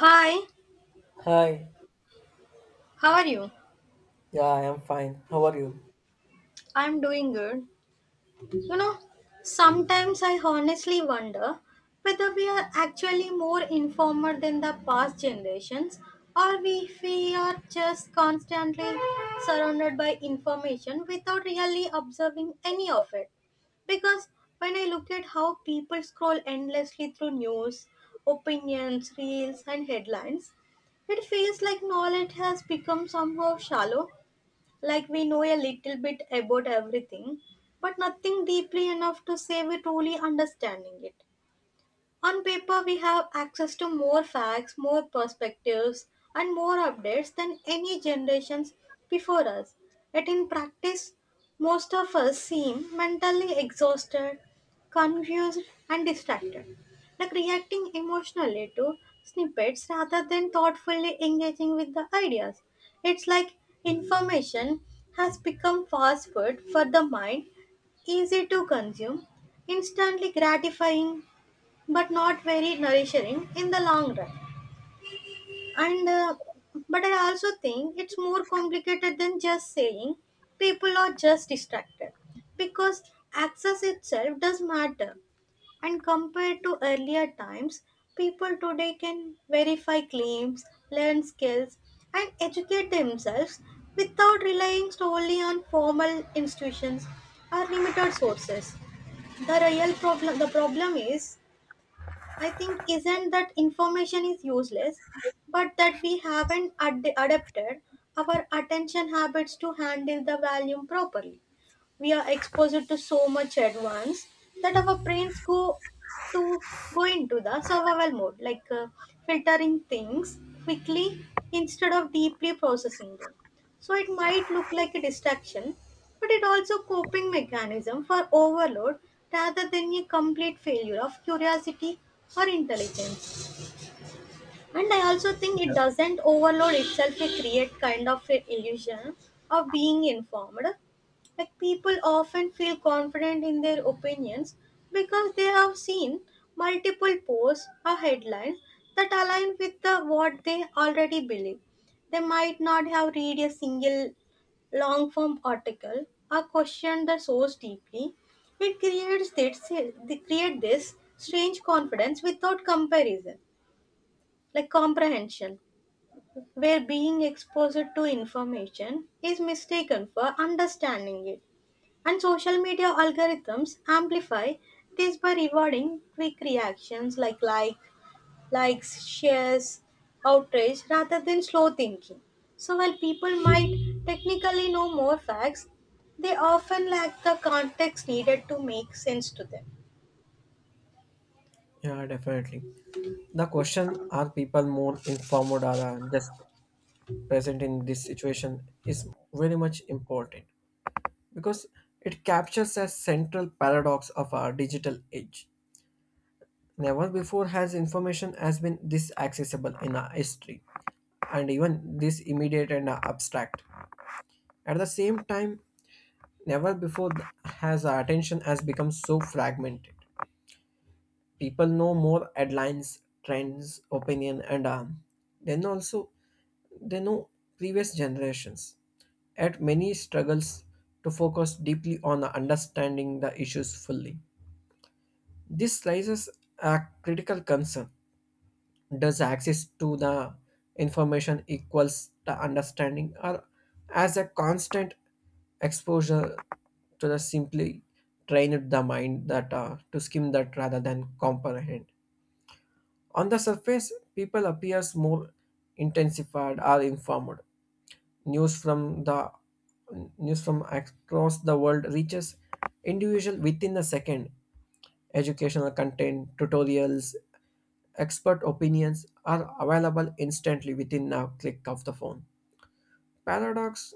Hi, Hi, how are you? yeah, I am fine. How are you? I'm doing good. You know, sometimes I honestly wonder whether we are actually more informed than the past generations or if we are just constantly surrounded by information without really observing any of it because when I look at how people scroll endlessly through news, opinions, reels, and headlines, it feels like knowledge has become somehow shallow. Like we know a little bit about everything, but nothing deeply enough to say we truly understanding it. On paper, we have access to more facts, more perspectives, and more updates than any generations before us. Yet in practice, most of us seem mentally exhausted, confused, and distracted, like reacting emotionally to snippets rather than thoughtfully engaging with the ideas. It's like information has become fast food for the mind, easy to consume, instantly gratifying but not very nourishing in the long run. And but I also think it's more complicated than just saying people are just distracted because access itself does matter. And compared to earlier times, people today can verify claims, learn skills, and educate themselves without relying solely on formal institutions or limited sources. The problem is, I think, isn't that information is useless, but that we haven't adapted our attention habits to handle the volume properly. We are exposed to so much at once that our brains to go into the survival mode, like filtering things quickly instead of deeply processing them. So it might look like a distraction, but it also coping mechanism for overload rather than a complete failure of curiosity or intelligence. And I also think it Yeah, doesn't overload itself, it create kind of an illusion of being informed. Like people often feel confident in their opinions because they have seen multiple posts or headlines that align with what they already believe. They might not have read a single long form article or questioned the source deeply. It creates this strange confidence without comparison, like comprehension, where being exposed to information is mistaken for understanding it. And social media algorithms amplify this by rewarding quick reactions, likes, shares, outrage rather than slow thinking. So while people might technically know more facts, they often lack the context needed to make sense to them. yeah, Definitely. The question are people more informed or are just present in this situation is very much important because it captures a central paradox of our digital age. Never before has information has been this accessible in our history and even this immediate and abstract. At the same time, never before has our attention has become so fragmented people know more headlines trends opinion and then also they know previous generations had many struggles to focus deeply on understanding the issues fully this raises a critical concern does access to the information equals the understanding or as a constant exposure to the simply train the mind that to skim that rather than comprehend. On the surface, people appears more intensified or informed. News from the news from across the world reaches individual within a second. Educational content, tutorials, expert opinions are available instantly within a click of the phone. Paradox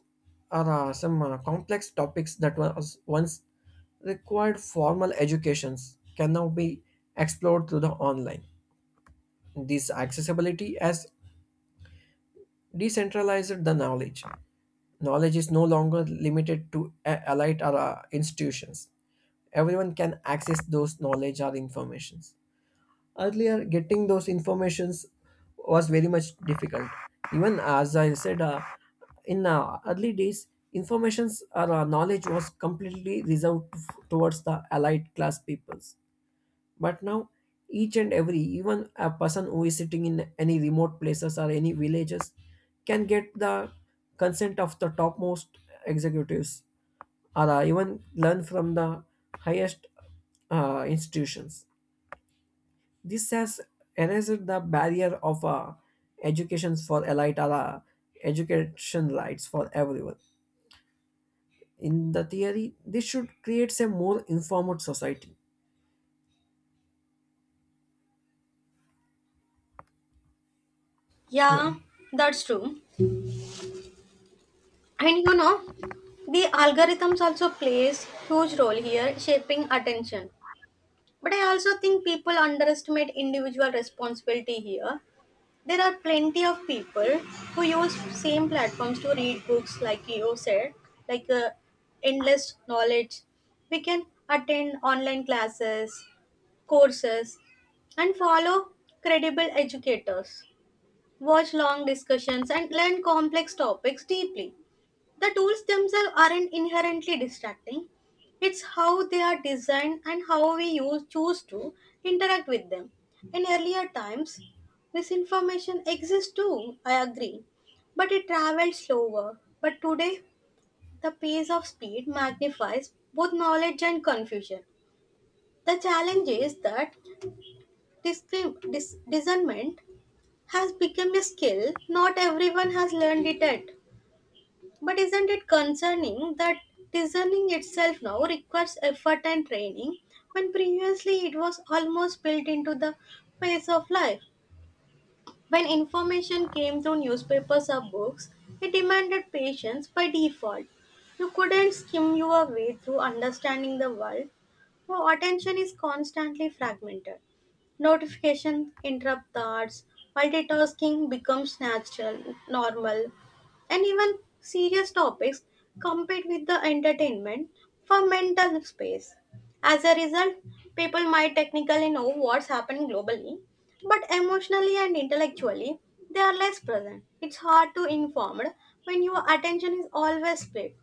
are some complex topics that was once required formal educations can now be explored through the online. This accessibility has decentralized the knowledge. Knowledge is no longer limited to elite or institutions. Everyone can access those knowledge or informations. Earlier, getting those informations was very much difficult. Even as I said, in early days, informations or knowledge was completely reserved towards the allied class peoples but now each and every even a person who is sitting in any remote places or any villages can get the consent of the topmost executives or even learn from the highest institutions this has erased the barrier of education for elite or education rights for everyone in the theory this should create a more informed society yeah. Yeah, that's true. And you know, the algorithms also plays huge role here, shaping attention. But I also think people underestimate individual responsibility here. There are plenty of people who use same platforms to read books, like you said, like uh, endless knowledge. We can attend online classes, courses, and follow credible educators, watch long discussions, and learn complex topics deeply. The tools themselves aren't inherently distracting. It's how they are designed and how we choose to interact with them. In earlier times, misinformation exists too, I agree, but it travels slower. But today, the pace of speed magnifies both knowledge and confusion. The challenge is that discernment has become a skill not everyone has learned it yet. But isn't it concerning that discerning itself now requires effort and training when previously it was almost built into the pace of life? When information came through newspapers or books, it demanded patience by default. You couldn't skim your way through understanding the world. Your attention is constantly fragmented. Notifications interrupt thoughts. Multitasking becomes natural, normal, and even serious topics compete with the entertainment for mental space. As a result, people might technically know what's happening globally, but emotionally and intellectually, they are less present. It's hard to inform when your attention is always split.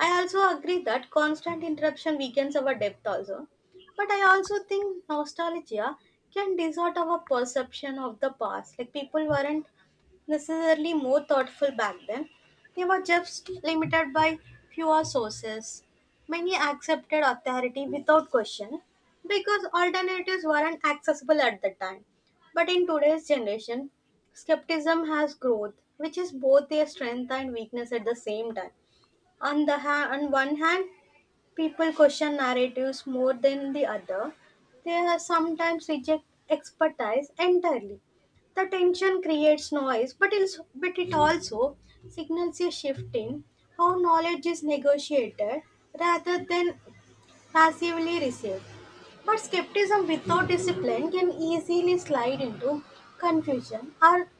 I also agree that constant interruption weakens our depth also. But I also think nostalgia can distort our perception of the past. Like people weren't necessarily more thoughtful back then. They were just limited by fewer sources. Many accepted authority without question because alternatives weren't accessible at the time. But in today's generation, skepticism has growth, which is both their strength and weakness at the same time. On one hand, people question narratives more than the other. They are sometimes reject expertise entirely. The tension creates noise, but it also signals a shift in how knowledge is negotiated rather than passively received. But skepticism without discipline can easily slide into confusion or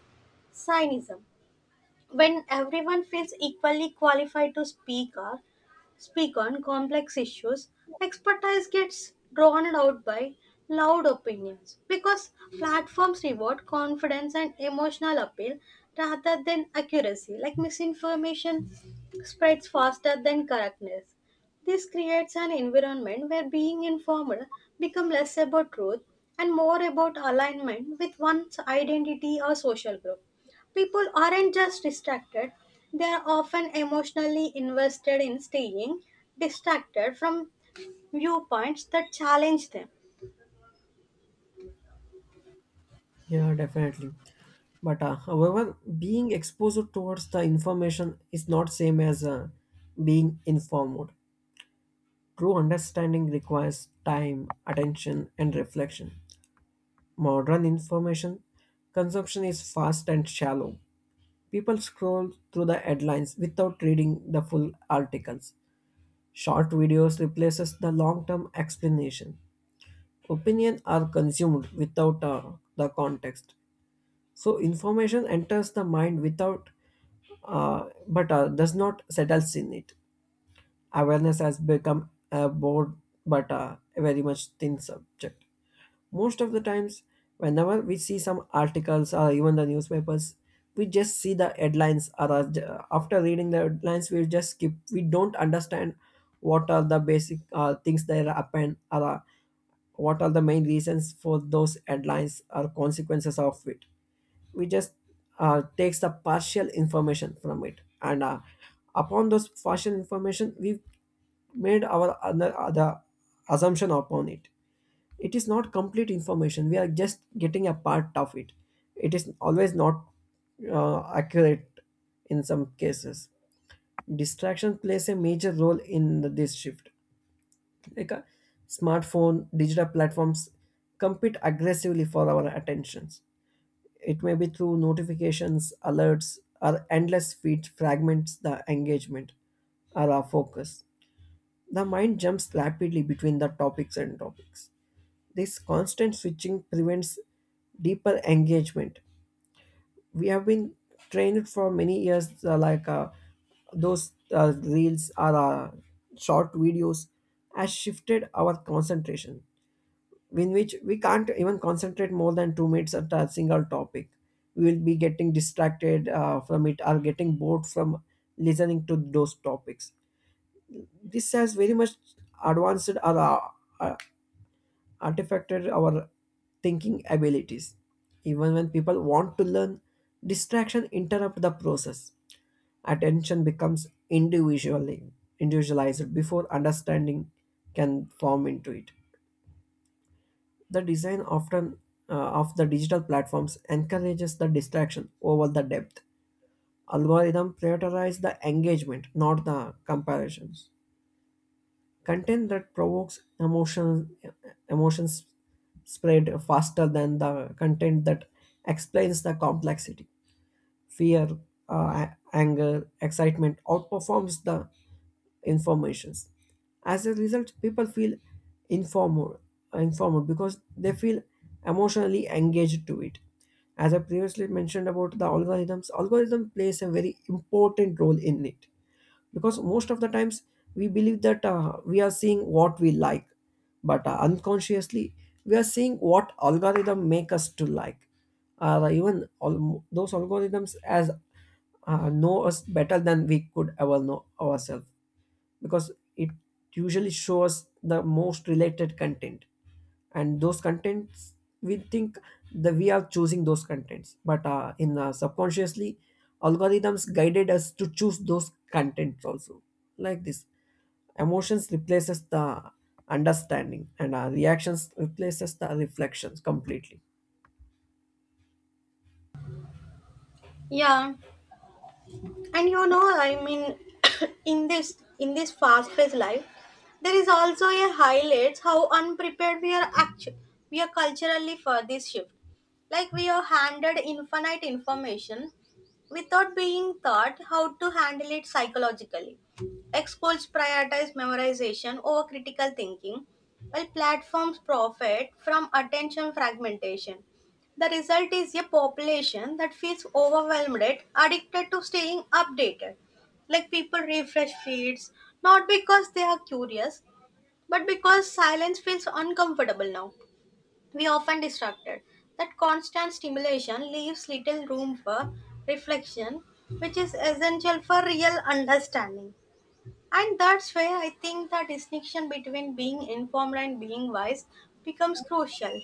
cynicism. When everyone feels equally qualified to speak on complex issues, expertise gets drowned out by loud opinions because platforms reward confidence and emotional appeal rather than accuracy. Like misinformation spreads faster than correctness. This creates an environment where being informed becomes less about truth and more about alignment with one's identity or social group. People aren't just distracted, they are often emotionally invested in staying distracted from viewpoints that challenge them. Yeah, definitely. But however, being exposed towards the information is not same as being informed. True understanding requires time, attention, and reflection. Modern information consumption is fast and shallow. People scroll through the headlines without reading the full articles. Short videos replaces the long-term explanation. Opinion are consumed without the context. So information enters the mind without, but does not settles in it. Awareness has become a board, but a very much thin subject. Most of the times, whenever we see some articles or even the newspapers, we just see the headlines or after reading the headlines, we just skip. We don't understand what are the basic things that happen or what are the main reasons for those headlines or consequences of it we just takes the partial information from it and upon those partial information we made our other, other assumption upon it it is not complete information we are just getting a part of it it is always not accurate in some cases distraction plays a major role in this shift like a smartphone digital platforms compete aggressively for our attentions it may be through notifications alerts or endless feed fragments the engagement or our focus the mind jumps rapidly between the topics and topics this constant switching prevents deeper engagement. We have been trained for many years, like those reels or short videos, has shifted our concentration, in which we can't even concentrate more than 2 minutes at a single topic. We will be getting distracted from it or getting bored from listening to those topics. This has very much advanced our uh, artifacted our thinking abilities. Even when people want to learn, distraction interrupt the process. Attention becomes individually individualized before understanding can form into it. The design often of the digital platforms encourages the distraction over the depth. Algorithm prioritize the engagement, not the comparisons. Content that provokes emotions spread faster than the content that explains the complexity. Fear, anger, excitement outperforms the informations. As a result, people feel informed, informed because they feel emotionally engaged to it. As I previously mentioned about the algorithms, algorithm plays a very important role in it because most of the times we believe that we are seeing what we like but unconsciously we are seeing what algorithm make us to like even all, those algorithms as know us better than we could ever know ourselves because it usually shows the most related content and those contents we think that we are choosing those contents but in subconsciously algorithms guided us to choose those contents also like this emotions replaces the understanding and reactions replaces the reflections completely. Yeah. And i mean in this fast paced life there is also a highlights how unprepared we are actually, we are culturally for this shift. Like we are handed infinite information without being taught how to handle it psychologically, like schools prioritize memorization over critical thinking while platforms profit from attention fragmentation. The result is a population that feels overwhelmed, addicted to staying updated. Like people refresh feeds, not because they are curious, but because silence feels uncomfortable now. We are often distracted. That constant stimulation leaves little room for reflection, which is essential for real understanding. And that's where I think the distinction between being informed and being wise becomes crucial.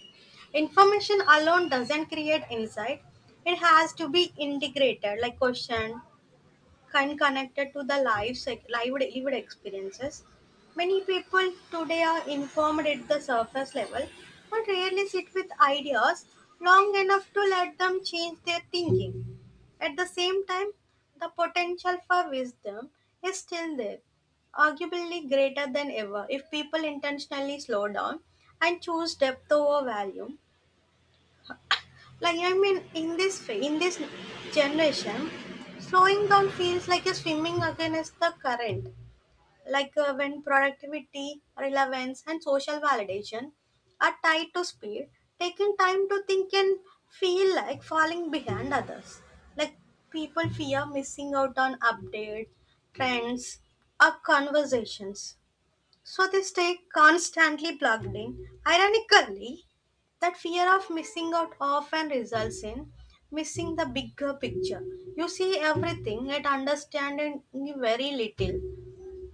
Information alone doesn't create insight, it has to be integrated, like questioned, kind connected to the live lived experiences. Many people today are informed at the surface level, but rarely sit with ideas long enough to let them change their thinking. At the same time, the potential for wisdom is still there, arguably greater than ever if people intentionally slow down and choose depth over value. In this generation, slowing down feels like you're swimming against the current. Like when productivity, relevance, and social validation are tied to speed, taking time to think can feel like falling behind others. Like people fear missing out on updates, trends, or conversations so they stay constantly plugged in. Ironically, that fear of missing out often results in missing the bigger picture. You see everything and understanding very little.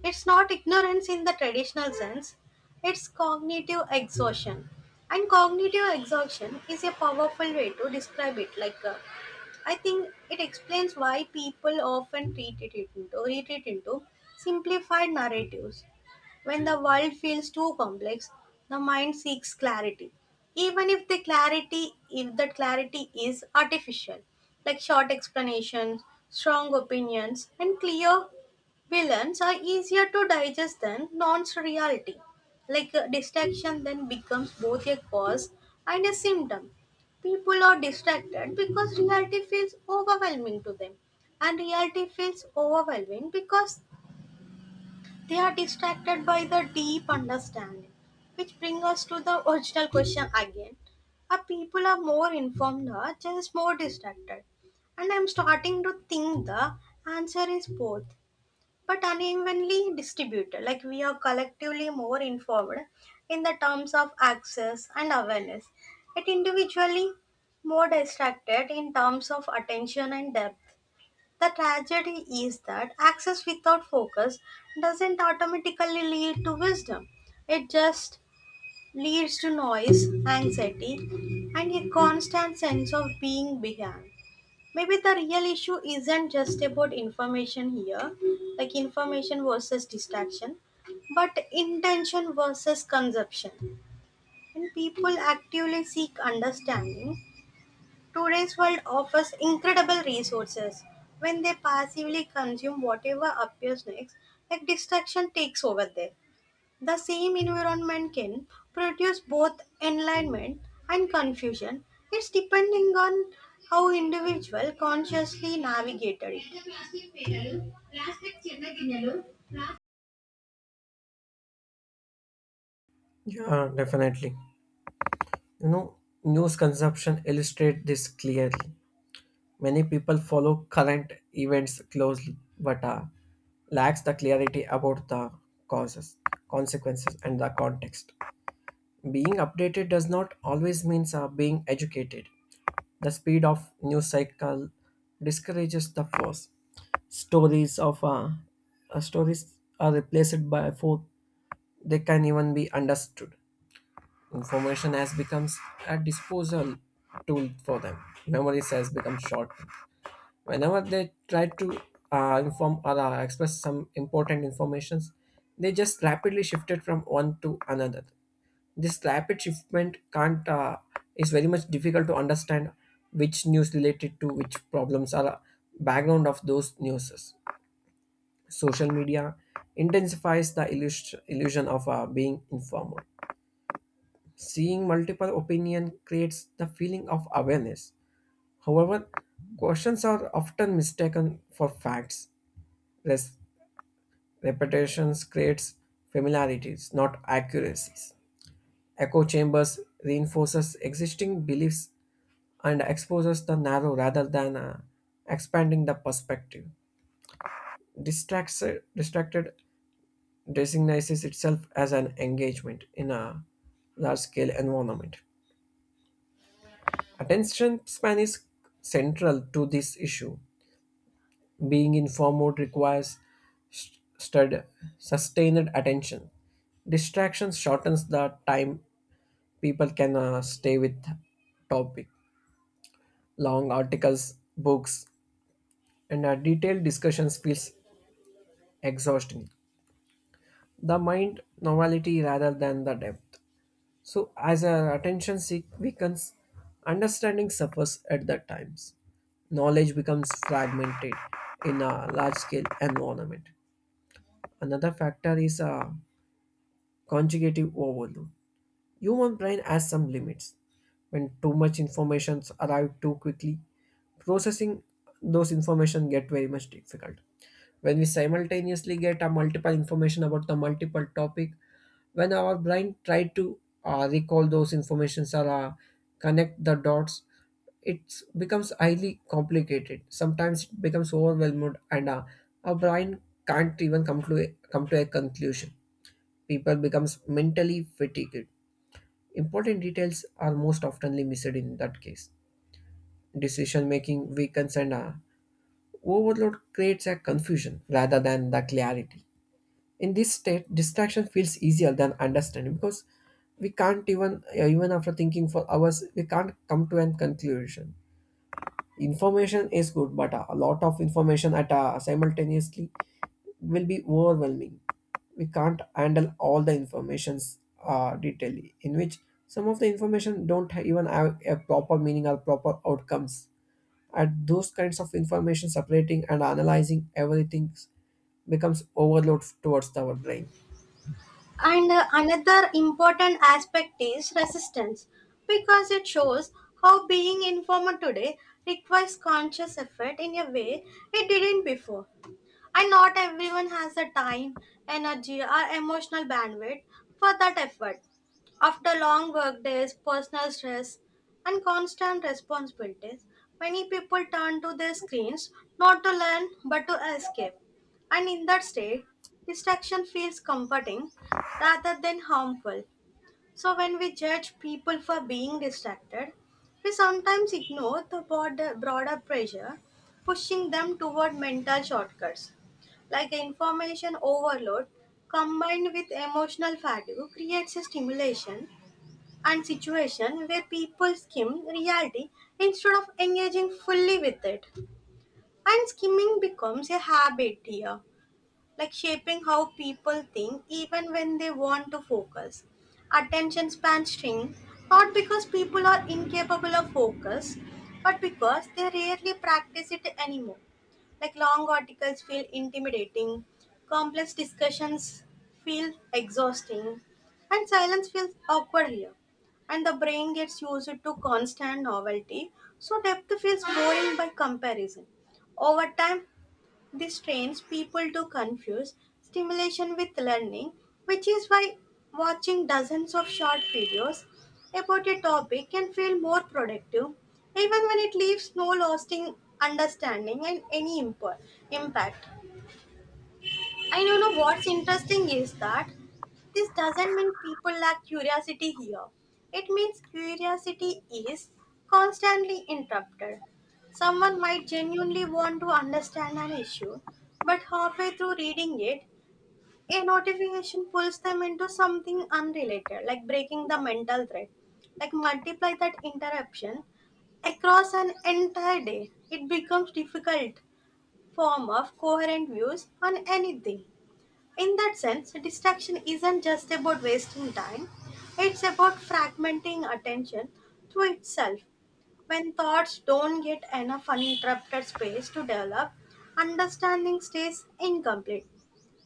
It's not ignorance in the traditional sense, it's cognitive exhaustion. And cognitive exhaustion is a powerful way to describe it, like a, I think it explains why people often treat it into retreat into simplified narratives. When the world feels too complex, the mind seeks clarity. Even if that clarity is artificial, like short explanations, strong opinions, and clear villains are easier to digest than nonce reality. Like distraction then becomes both a cause and a symptom. People are distracted because reality feels overwhelming to them. And reality feels overwhelming because they are distracted by the deep understanding. Which brings us to the original question again. Are people are more informed or just more distracted? And I'm starting to think the answer is both but unevenly distributed. Like we are collectively more informed in the terms of access and awareness, yet individually more distracted in terms of attention and depth. The tragedy is that access without focus doesn't automatically lead to wisdom. It just leads to noise, anxiety, and a constant sense of being behind. Maybe the real issue isn't just about information here, like information versus distraction, but intention versus consumption. When people actively seek understanding, today's world offers incredible resources. When they passively consume whatever appears next, like distraction takes over there. The same environment can produce both enlightenment and confusion. It's depending on how individual consciously navigated it. Yeah, definitely. You know news consumption illustrate this clearly. Many people follow current events closely but lacks the clarity about the causes, consequences, and the context. Being updated does not always mean being educated. The speed of news cycle discourages the force. Stories of stories are replaced by for they can even be understood. Information has becomes a disposal tool for them. Memories has become short whenever they try to inform or express some important informations they just rapidly shifted from one to another this rapid shipment can't is very much difficult to understand which news related to which problems are background of those news social media intensifies the illusion of being informed seeing multiple opinion creates the feeling of awareness however questions are often mistaken for facts Res- repetitions creates familiarities, not accuracies. Echo chambers reinforces existing beliefs and exposes the narrow rather than expanding the perspective. Distracts, distracted designates itself as an engagement in a large-scale environment. Attention span is central to this issue. Being in form mode requires st- stud- sustained attention. Distractions shortens the time people can stay with topic. Long articles, books, and detailed discussions feels exhausting. The mind novelty rather than the depth. So as our attention seek weakens, understanding suffers at that times knowledge becomes fragmented in a large scale environment. Another factor is conjugative overload. Human brain has some limits. When too much information arrive too quickly, processing those information get very much difficult. When we simultaneously get a multiple information about the multiple topic, when our brain try to recall those informations or connect the dots, it becomes highly complicated. Sometimes it becomes overwhelmed, and our brain can't even come to a conclusion people becomes mentally fatigued. Important details are most oftenly missed in that case. Decision making weakens and overload creates a confusion rather than the clarity. In this state, distraction feels easier than understanding because we can't even even after thinking for hours we can't come to an conclusion information is good but a lot of information at a simultaneously will be overwhelming we can't handle all the informations detailedly in which some of the information don't ha- even have a proper meaning or proper outcomes at those kinds of information separating and analyzing everything becomes overload towards our brain. And another important aspect is resistance because it shows how being informed today requires conscious effort in a way it didn't before. And not everyone has the time, energy, or emotional bandwidth for that effort. After long work days, personal stress, and constant responsibilities, many people turn to their screens not to learn but to escape. And in that state, distraction feels comforting rather than harmful. So, when we judge people for being distracted, we sometimes ignore the broader pressure pushing them toward mental shortcuts. Like information overload combined with emotional fatigue creates a stimulation and situation where people skim reality instead of engaging fully with it. And skimming becomes a habit here, like shaping how people think even when they want to focus. Attention spans shrink not because people are incapable of focus, but because they rarely practice it anymore. Like long articles feel intimidating, complex discussions feel exhausting, and silence feels awkward here. And the brain gets used to constant novelty, so depth feels boring by comparison. Over time, this trains people to confuse stimulation with learning, which is why watching dozens of short videos about a topic can feel more productive, even when it leaves no lasting understanding and impact. And you know what's interesting is that this doesn't mean people lack curiosity here. It means curiosity is constantly interrupted. Someone might genuinely want to understand an issue, but halfway through reading it, a notification pulls them into something unrelated, like breaking the mental thread. Like multiply that interruption across an entire day, it becomes difficult form of coherent views on anything. In that sense, distraction isn't just about wasting time, it's about fragmenting attention through itself. When thoughts don't get enough uninterrupted space to develop, understanding stays incomplete.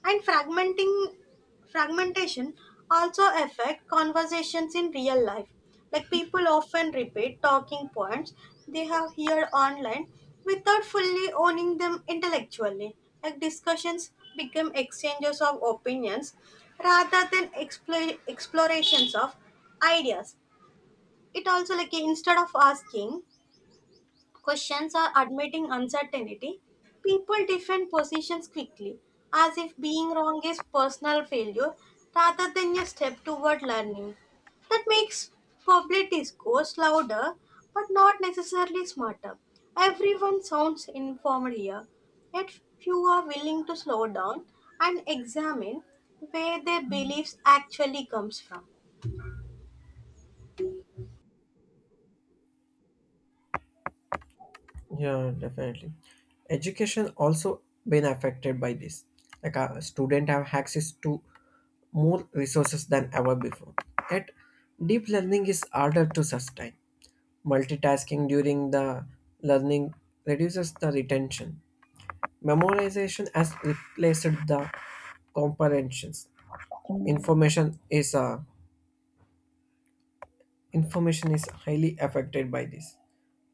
And fragmenting fragmentation also affect conversations in real life. Like people often repeat talking points they have heard online without fully owning them intellectually. Like discussions become exchanges of opinions rather than explorations of ideas. It also like instead of asking questions are admitting uncertainty. People defend positions quickly, as if being wrong is personal failure rather than a step toward learning. That makes public discourse louder but not necessarily smarter. Everyone sounds informed here, yet few are willing to slow down and examine where their beliefs actually comes from. Yeah, definitely. Education also been affected by this. Like a student have access to more resources than ever before. Yet deep learning is harder to sustain. Multitasking during the learning reduces the retention. Memorization has replaced the comprehensions. Information is uh, Information is highly affected by this.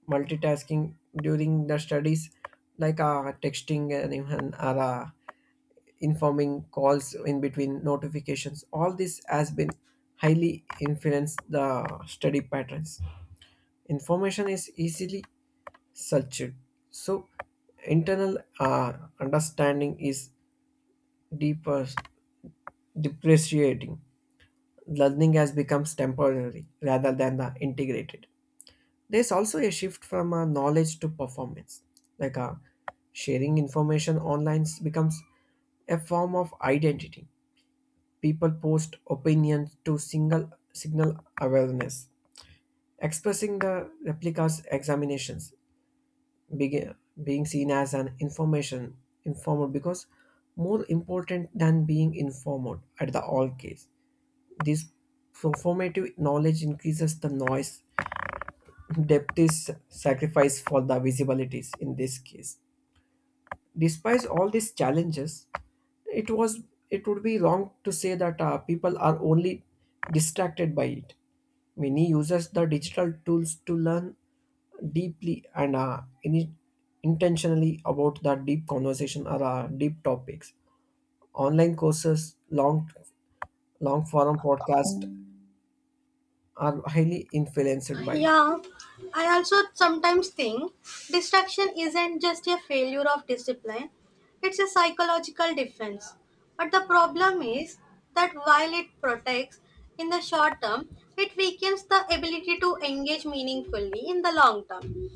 Multitasking during the studies, like texting and even informing calls in between notifications, all this has been highly influenced the study patterns. Information is easily searched, so internal understanding is deeper depreciating. Learning has become temporary rather than the integrated. There's also a shift from knowledge to performance. Like sharing information online becomes a form of identity. People post opinions to single signal awareness, expressing the replicas examinations, begin, being seen as an information informer because more important than being informed at the all case. This performative knowledge increases the noise depth is sacrificed for the visibilities in this case. Despite all these challenges, it was it would be wrong to say that people are only distracted by it. Many uses the digital tools to learn deeply and intentionally about the deep conversation or deep topics. Online courses, long forum, podcast are highly influenced by it. Yeah, I also sometimes think distraction isn't just a failure of discipline, it's a psychological defense. But the problem is that while it protects in the short term, it weakens the ability to engage meaningfully in the long term.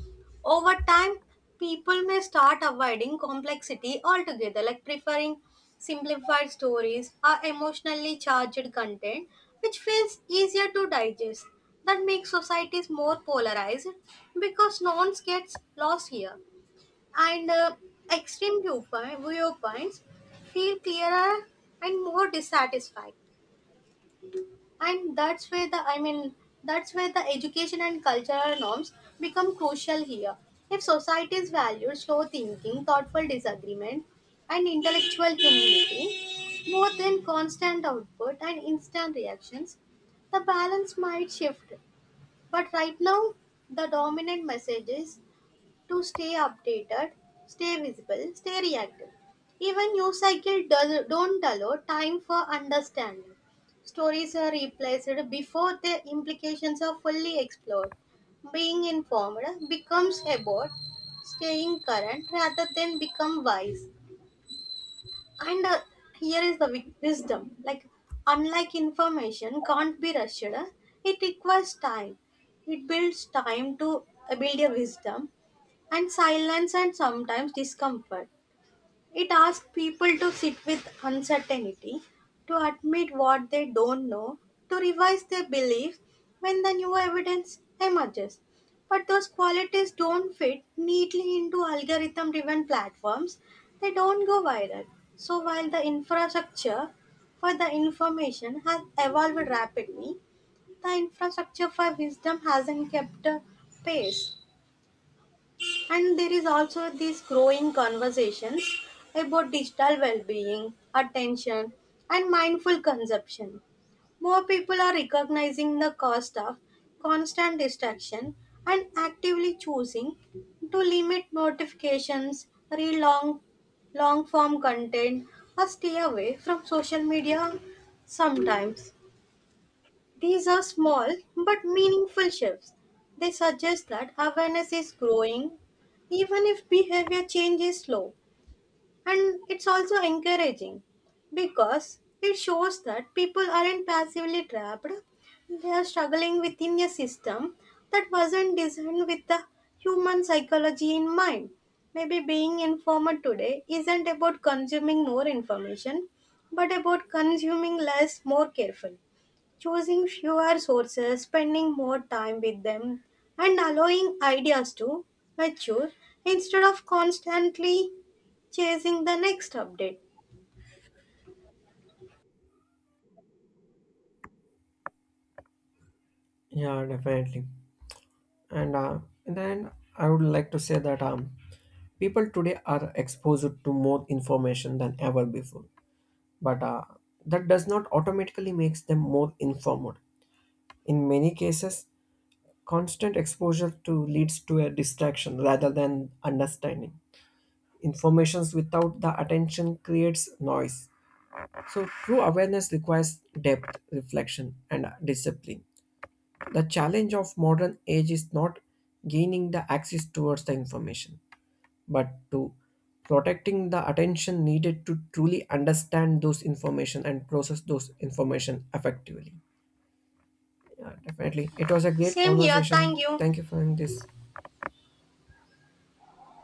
Over time, people may start avoiding complexity altogether, like preferring simplified stories or emotionally charged content, which feels easier to digest. That makes societies more polarized because nuance gets lost here. And extreme viewpoints feel clearer and more dissatisfied, and that's where the education and cultural norms become crucial here. If societies value slow thinking, thoughtful disagreement, and intellectual humility more than constant output and instant reactions, the balance might shift. But right now the dominant message is to stay updated, stay visible, stay reactive. Even news cycle don't allow time for understanding. Stories are replaced before their implications are fully explored. Being informed becomes about staying current rather than become wise. And here is the wisdom like, unlike information, can't be rushed. It requires time. It builds time to build your wisdom and silence and sometimes discomfort. It asks people to sit with uncertainty, to admit what they don't know, to revise their beliefs when the new evidence emerges. But those qualities don't fit neatly into algorithm driven platforms, they don't go viral. So while the infrastructure for the information has evolved rapidly, the infrastructure for wisdom hasn't kept pace. And there is also this growing conversations about digital well-being, attention, and mindful consumption. More people are recognizing the cost of constant distraction and actively choosing to limit notifications, read long form content, or stay away from social media sometimes. These are small but meaningful shifts. They suggest that awareness is growing, even if behavior change is slow. And it's also encouraging because it shows that people aren't passively trapped, they are struggling within a system that wasn't designed with the human psychology in mind. Maybe being informed today isn't about consuming more information, but about consuming less more carefully, choosing fewer sources, spending more time with them, and allowing ideas to mature instead of constantly chasing the next update. Yeah, definitely. And then I would like to say that people today are exposed to more information than ever before but that does not automatically makes them more informed in many cases constant exposure to leads to a distraction rather than understanding informations without the attention creates noise so true awareness requires depth reflection and discipline the challenge of modern age is not gaining the access towards the information but to protecting the attention needed to truly understand those information and process those information effectively. Yeah, definitely. It was a great Same here, conversation. thank you. Thank you for having this.